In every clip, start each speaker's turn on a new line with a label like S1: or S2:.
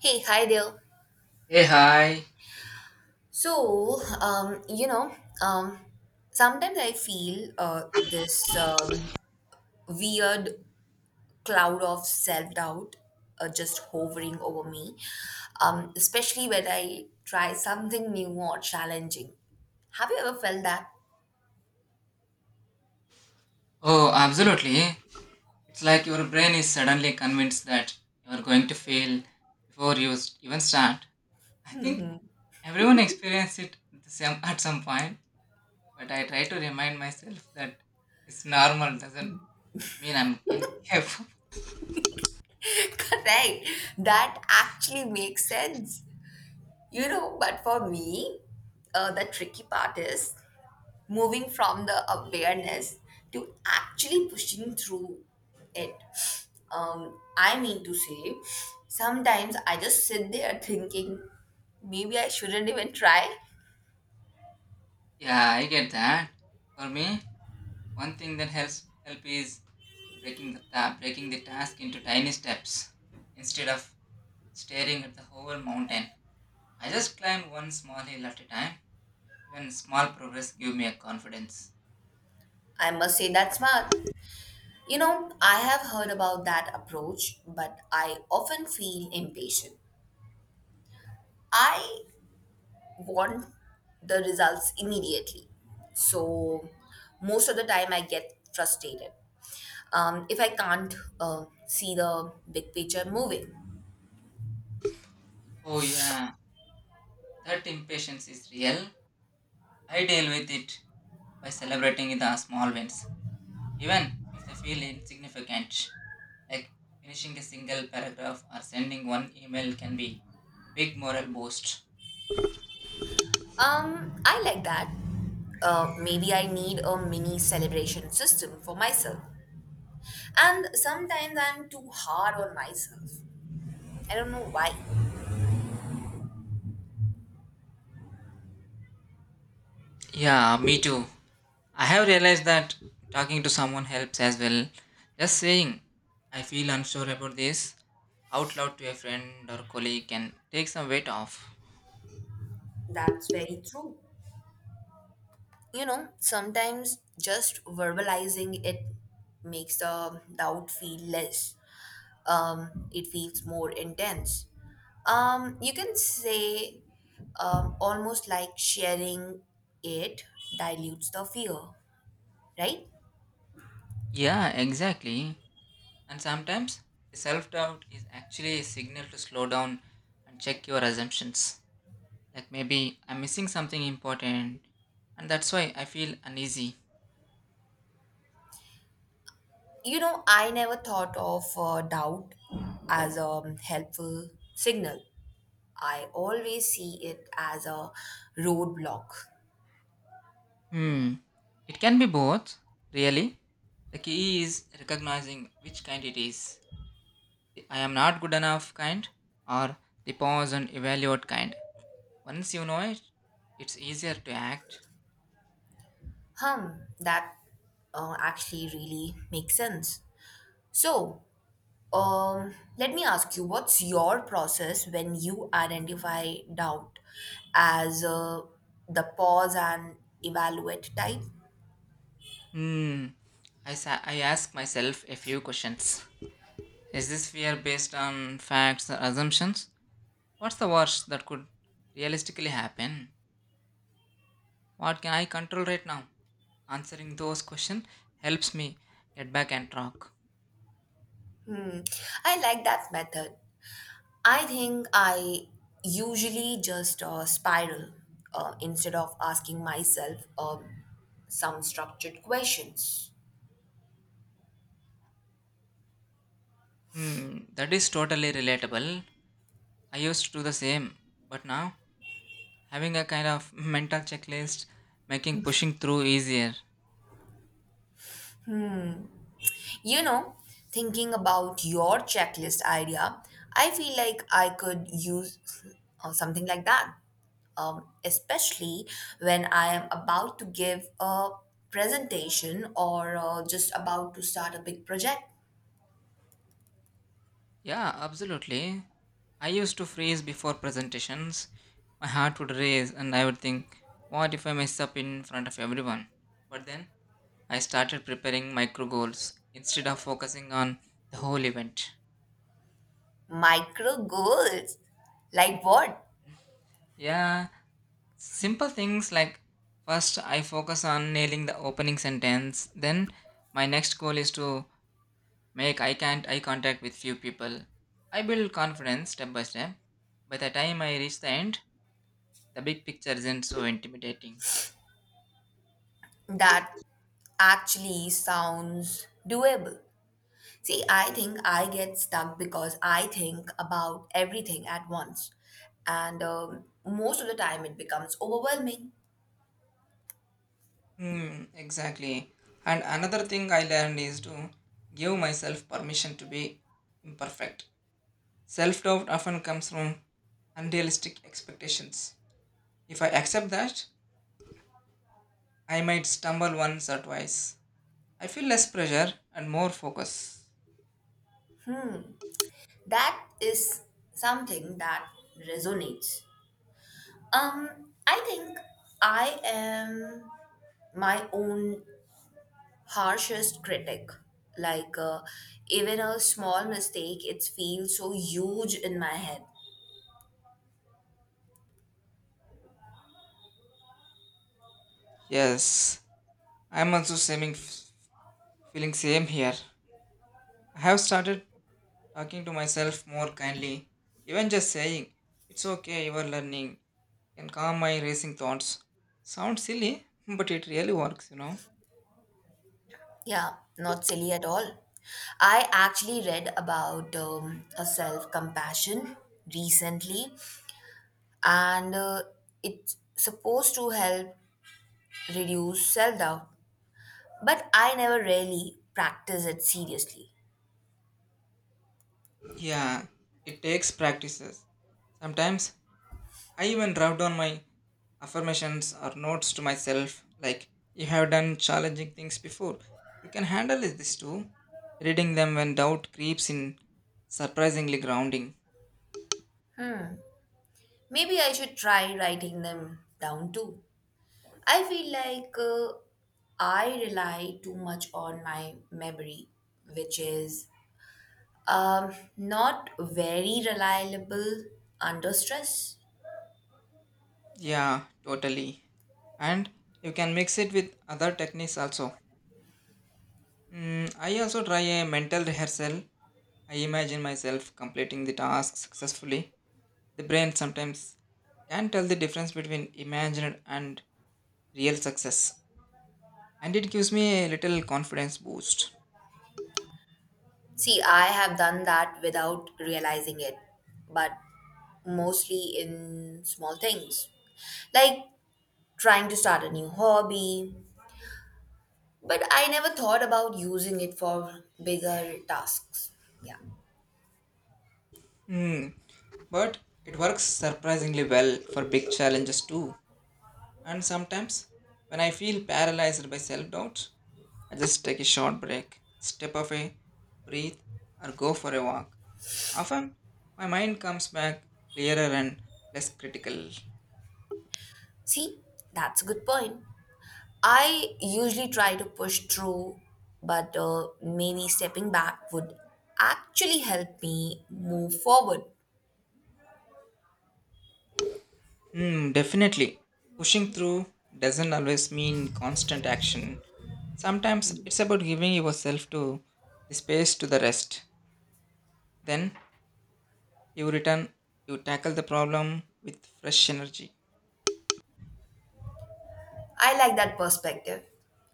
S1: Hey, hi there.
S2: Hey, hi.
S1: So, um, you know, um, sometimes I feel this weird cloud of self-doubt just hovering over me, especially when I try something new or challenging. Have you ever felt that?
S2: Oh, absolutely. It's like your brain is suddenly convinced that you're going to fail before even start. I think everyone experiences it at at some point, but I try to remind myself that it's normal doesn't mean I'm incapable.
S1: Right. That actually makes sense. You know, but for me, the tricky part is moving from the awareness to actually pushing through it. I mean to say, sometimes I just sit there thinking, maybe I shouldn't even try.
S2: Yeah, I get that. For me, one thing that helps help is breaking breaking the task into tiny steps instead of staring at the whole mountain. I just climb one small hill at a time. Even small progress give me a confidence.
S1: I must say that's smart. You know, I have heard about that approach, but I often feel impatient. I want the results immediately. So, most of the time, I get frustrated if I can't see the big picture moving.
S2: Oh yeah, that impatience is real. I deal with it by celebrating the small wins, even if they feel insignificant. Like finishing a single paragraph or sending one email can be a big moral boost.
S1: I like that. Maybe I need a mini celebration system for myself. And sometimes I'm too hard on myself. I don't know why.
S2: Yeah, me too. I have realized that talking to someone helps as well. Just saying, I feel unsure about this out loud to a friend or colleague can take some weight off.
S1: That's very true. You know, sometimes just verbalizing it makes the doubt feel less. It feels more intense. You can say almost like sharing it dilutes the fear, right?
S2: Yeah, exactly. And sometimes the self doubt is actually a signal to slow down and check your assumptions. Like maybe I'm missing something important and that's why I feel uneasy.
S1: You know, I never thought of doubt as a helpful signal. I always see it as a roadblock.
S2: Hmm, it can be both, really. The key is recognizing which kind it is, the I am not good enough kind or the pause and evaluate kind. Once you know it, it's easier to act.
S1: Hmm, that actually really makes sense. So, let me ask you, what's your process when you identify doubt as the pause and evaluate type?
S2: Hmm, I ask myself a few questions. Is this fear based on facts or assumptions? What's the worst that could realistically happen? What can I control right now? Answering those questions helps me get back and track.
S1: Hmm. I like that method. I think I usually just spiral instead of asking myself some structured questions.
S2: Hmm, that is totally relatable. I used to do the same, but now having a kind of mental checklist making pushing through easier.
S1: You know, thinking about your checklist idea, I feel like I could use something like that, especially when I am about to give a presentation or just about to start a big project.
S2: Yeah, absolutely. I used to freeze before presentations. My heart would race and I would think, what if I mess up in front of everyone? But then I started preparing micro goals instead of focusing on the whole event.
S1: Micro goals, like what?
S2: Yeah, simple things like first I focus on nailing the opening sentence, then my next goal is to make eye can't eye contact with few people. I build confidence step by step. By the time I reach the end, the big picture isn't so intimidating.
S1: That actually sounds doable. See, I think I get stuck because I think about everything at once. And most of the time it becomes overwhelming.
S2: Hmm, exactly. And another thing I learned is to give myself permission to be imperfect. Self doubt often comes from unrealistic expectations. If I accept that, I might stumble once or twice. I feel less pressure and more focus.
S1: Hmm. That is something that resonates. I think I am my own harshest critic. Like, even a small mistake, it feels so huge in my head.
S2: Yes, I'm also same, feeling same here. I have started talking to myself more kindly. Even just saying, it's okay, you are learning, can calm my racing thoughts. Sounds silly, but it really works, you know.
S1: Yeah, not silly at all. I actually read about a self compassion recently, and it's supposed to help reduce self doubt, but I never really practice it seriously.
S2: Yeah, it takes practices. Sometimes I even write down my Affirmations are notes to myself like, you have done challenging things before. You can handle this too. Reading them when doubt creeps in, surprisingly grounding.
S1: Maybe I should try writing them down too. I feel like I rely too much on my memory, which is not very reliable under stress.
S2: Yeah, totally. And you can mix it with other techniques also. Mm, I also try a mental rehearsal. I imagine myself completing the task successfully. The brain sometimes can tell the difference between imagined and real success, and it gives me a little confidence boost.
S1: See, I have done that without realizing it, but mostly in small things, like trying to start a new hobby. But I never thought about using it for bigger tasks. Yeah.
S2: Hmm, but it works surprisingly well for big challenges too. And sometimes, when I feel paralyzed by self doubt, I just take a short break, step away, breathe, or go for a walk. Often, my mind comes back clearer and less critical.
S1: See, that's a good point. I usually try to push through, but maybe stepping back would actually help me move forward.
S2: Hmm, definitely. Pushing through doesn't always mean constant action. Sometimes it's about giving yourself to the space to the rest. Then you return, you tackle the problem with fresh energy.
S1: I like that perspective.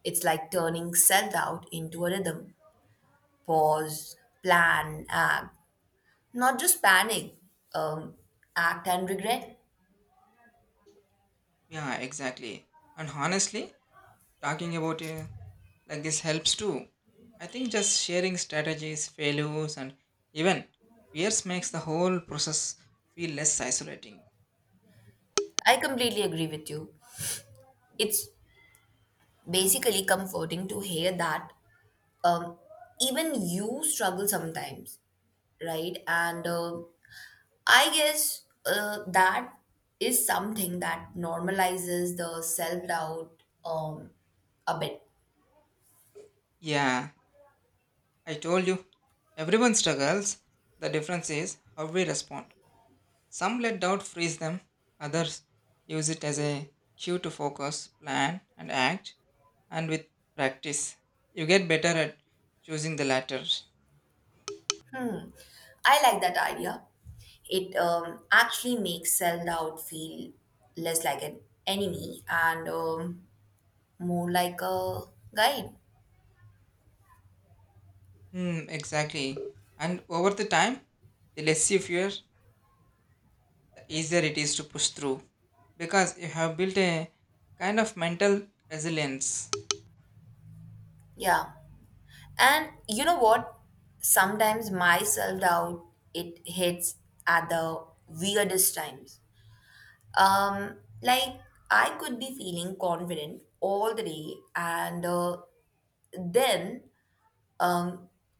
S1: It's like turning self doubt into a rhythm. Pause, plan, act, not just panic, um, act and regret.
S2: Yeah, exactly. And honestly, talking about like this helps too. I think just sharing strategies, failures, and even fears makes the whole process feel less isolating.
S1: I completely agree with you. It's basically comforting to hear that um, even you struggle sometimes, right? And I guess that is something that normalizes the self doubt a bit.
S2: Yeah, I told you, everyone struggles. The difference is how we respond. Some let doubt freeze them, others use it as a cue to focus, plan, and act. And with practice, you get better at choosing the latter.
S1: I like that idea. It actually makes self doubt feel less like an enemy and more like a guide.
S2: Hmm, exactly. And over the time, the less you fear, the easier it is to push through because you have built a kind of mental resilience.
S1: Yeah. And you know what? Sometimes my self doubt it hits at the weirdest times. Like I could be feeling confident all the day, and then Um,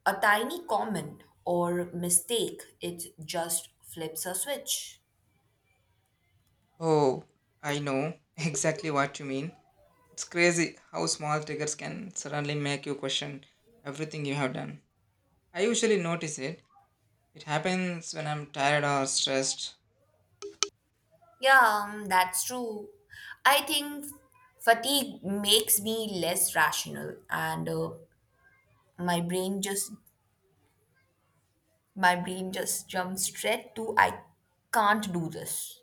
S1: a tiny comment or mistake, it just flips a switch.
S2: Oh, I know exactly what you mean. It's crazy how small triggers can suddenly make you question everything you have done. I usually notice it it happens when I'm tired or stressed.
S1: Yeah, that's true. I think fatigue makes me less rational, and my brain just my brain just jumps straight to I can't do this.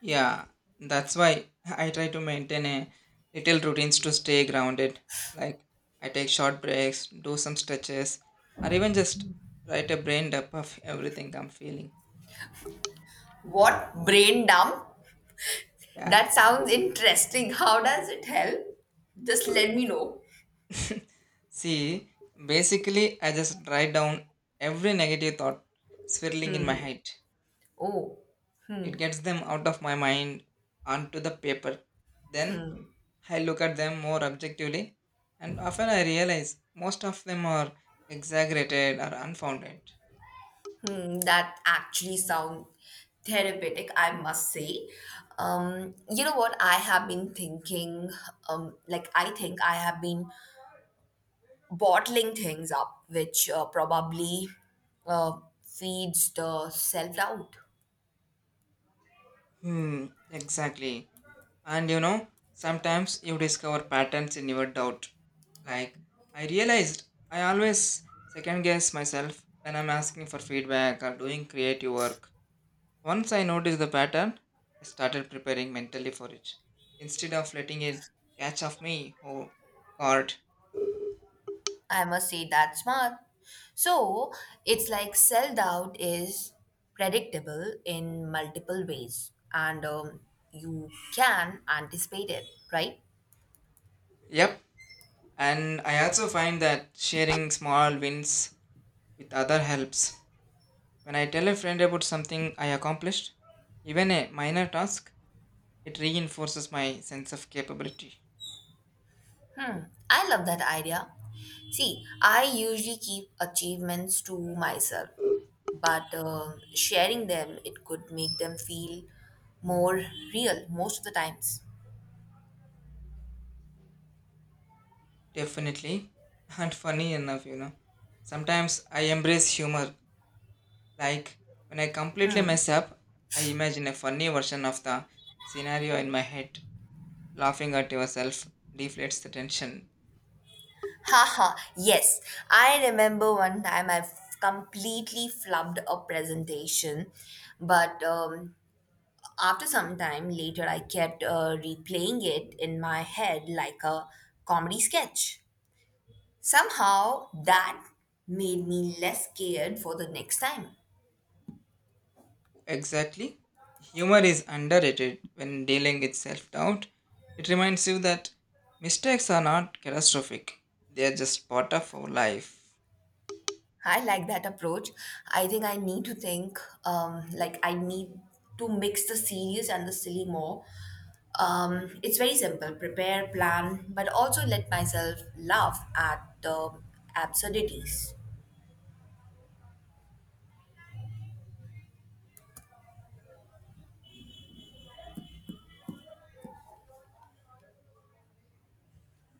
S2: Yeah, that's why I try to maintain a little routines to stay grounded. Like I take short breaks, do some stretches, or even just write a brain dump of everything I'm feeling.
S1: What brain dump?
S2: Yeah.
S1: That sounds interesting. How does it help? Just let me know.
S2: See, basically I just write down every negative thought swirling in my head.
S1: Oh.
S2: It gets them out of my mind onto the paper. Then I look at them more objectively, and often I realize most of them are exaggerated or unfounded.
S1: Hmm, that actually sound therapeutic, I must say. You know what? I have been thinking, like I think I have been bottling things up, which probably uh, feeds the self doubt.
S2: Hmm, exactly. And you know, sometimes you discover patterns in your doubt. Like, I realized I always second guess myself when I'm asking for feedback or doing creative work. Once I noticed the pattern, I started preparing mentally for it instead of letting it catch off me. Oh, God.
S1: I must say that's smart. So it's like self doubt is predictable in multiple ways, and you can anticipate it, right?
S2: Yep, and I also find that sharing small wins with other helps. When I tell a friend about something I accomplished, even a minor task, it reinforces my sense of capability.
S1: Hmm, I love that idea. See, I usually keep achievements to myself, but sharing them it could make them feel more real most of the times.
S2: Definitely. And funny enough, you know, sometimes I embrace humor. Like when I completely
S1: Hmm.
S2: mess up, I imagine a funny version of the scenario in my head. Laughing at yourself deflates the tension.
S1: Haha, yes. I remember one time I completely flubbed a presentation, but after some time later, I kept replaying it in my head like a comedy sketch. Somehow that made me less scared for the next time.
S2: Exactly. Humor is underrated when dealing with self doubt. It reminds you that mistakes are not catastrophic, they are just part of our life.
S1: I like that approach. I think I need to think, like, I need to mix the serious and the silly more. It's very simple prepare, plan, but also let myself laugh at the absurdities.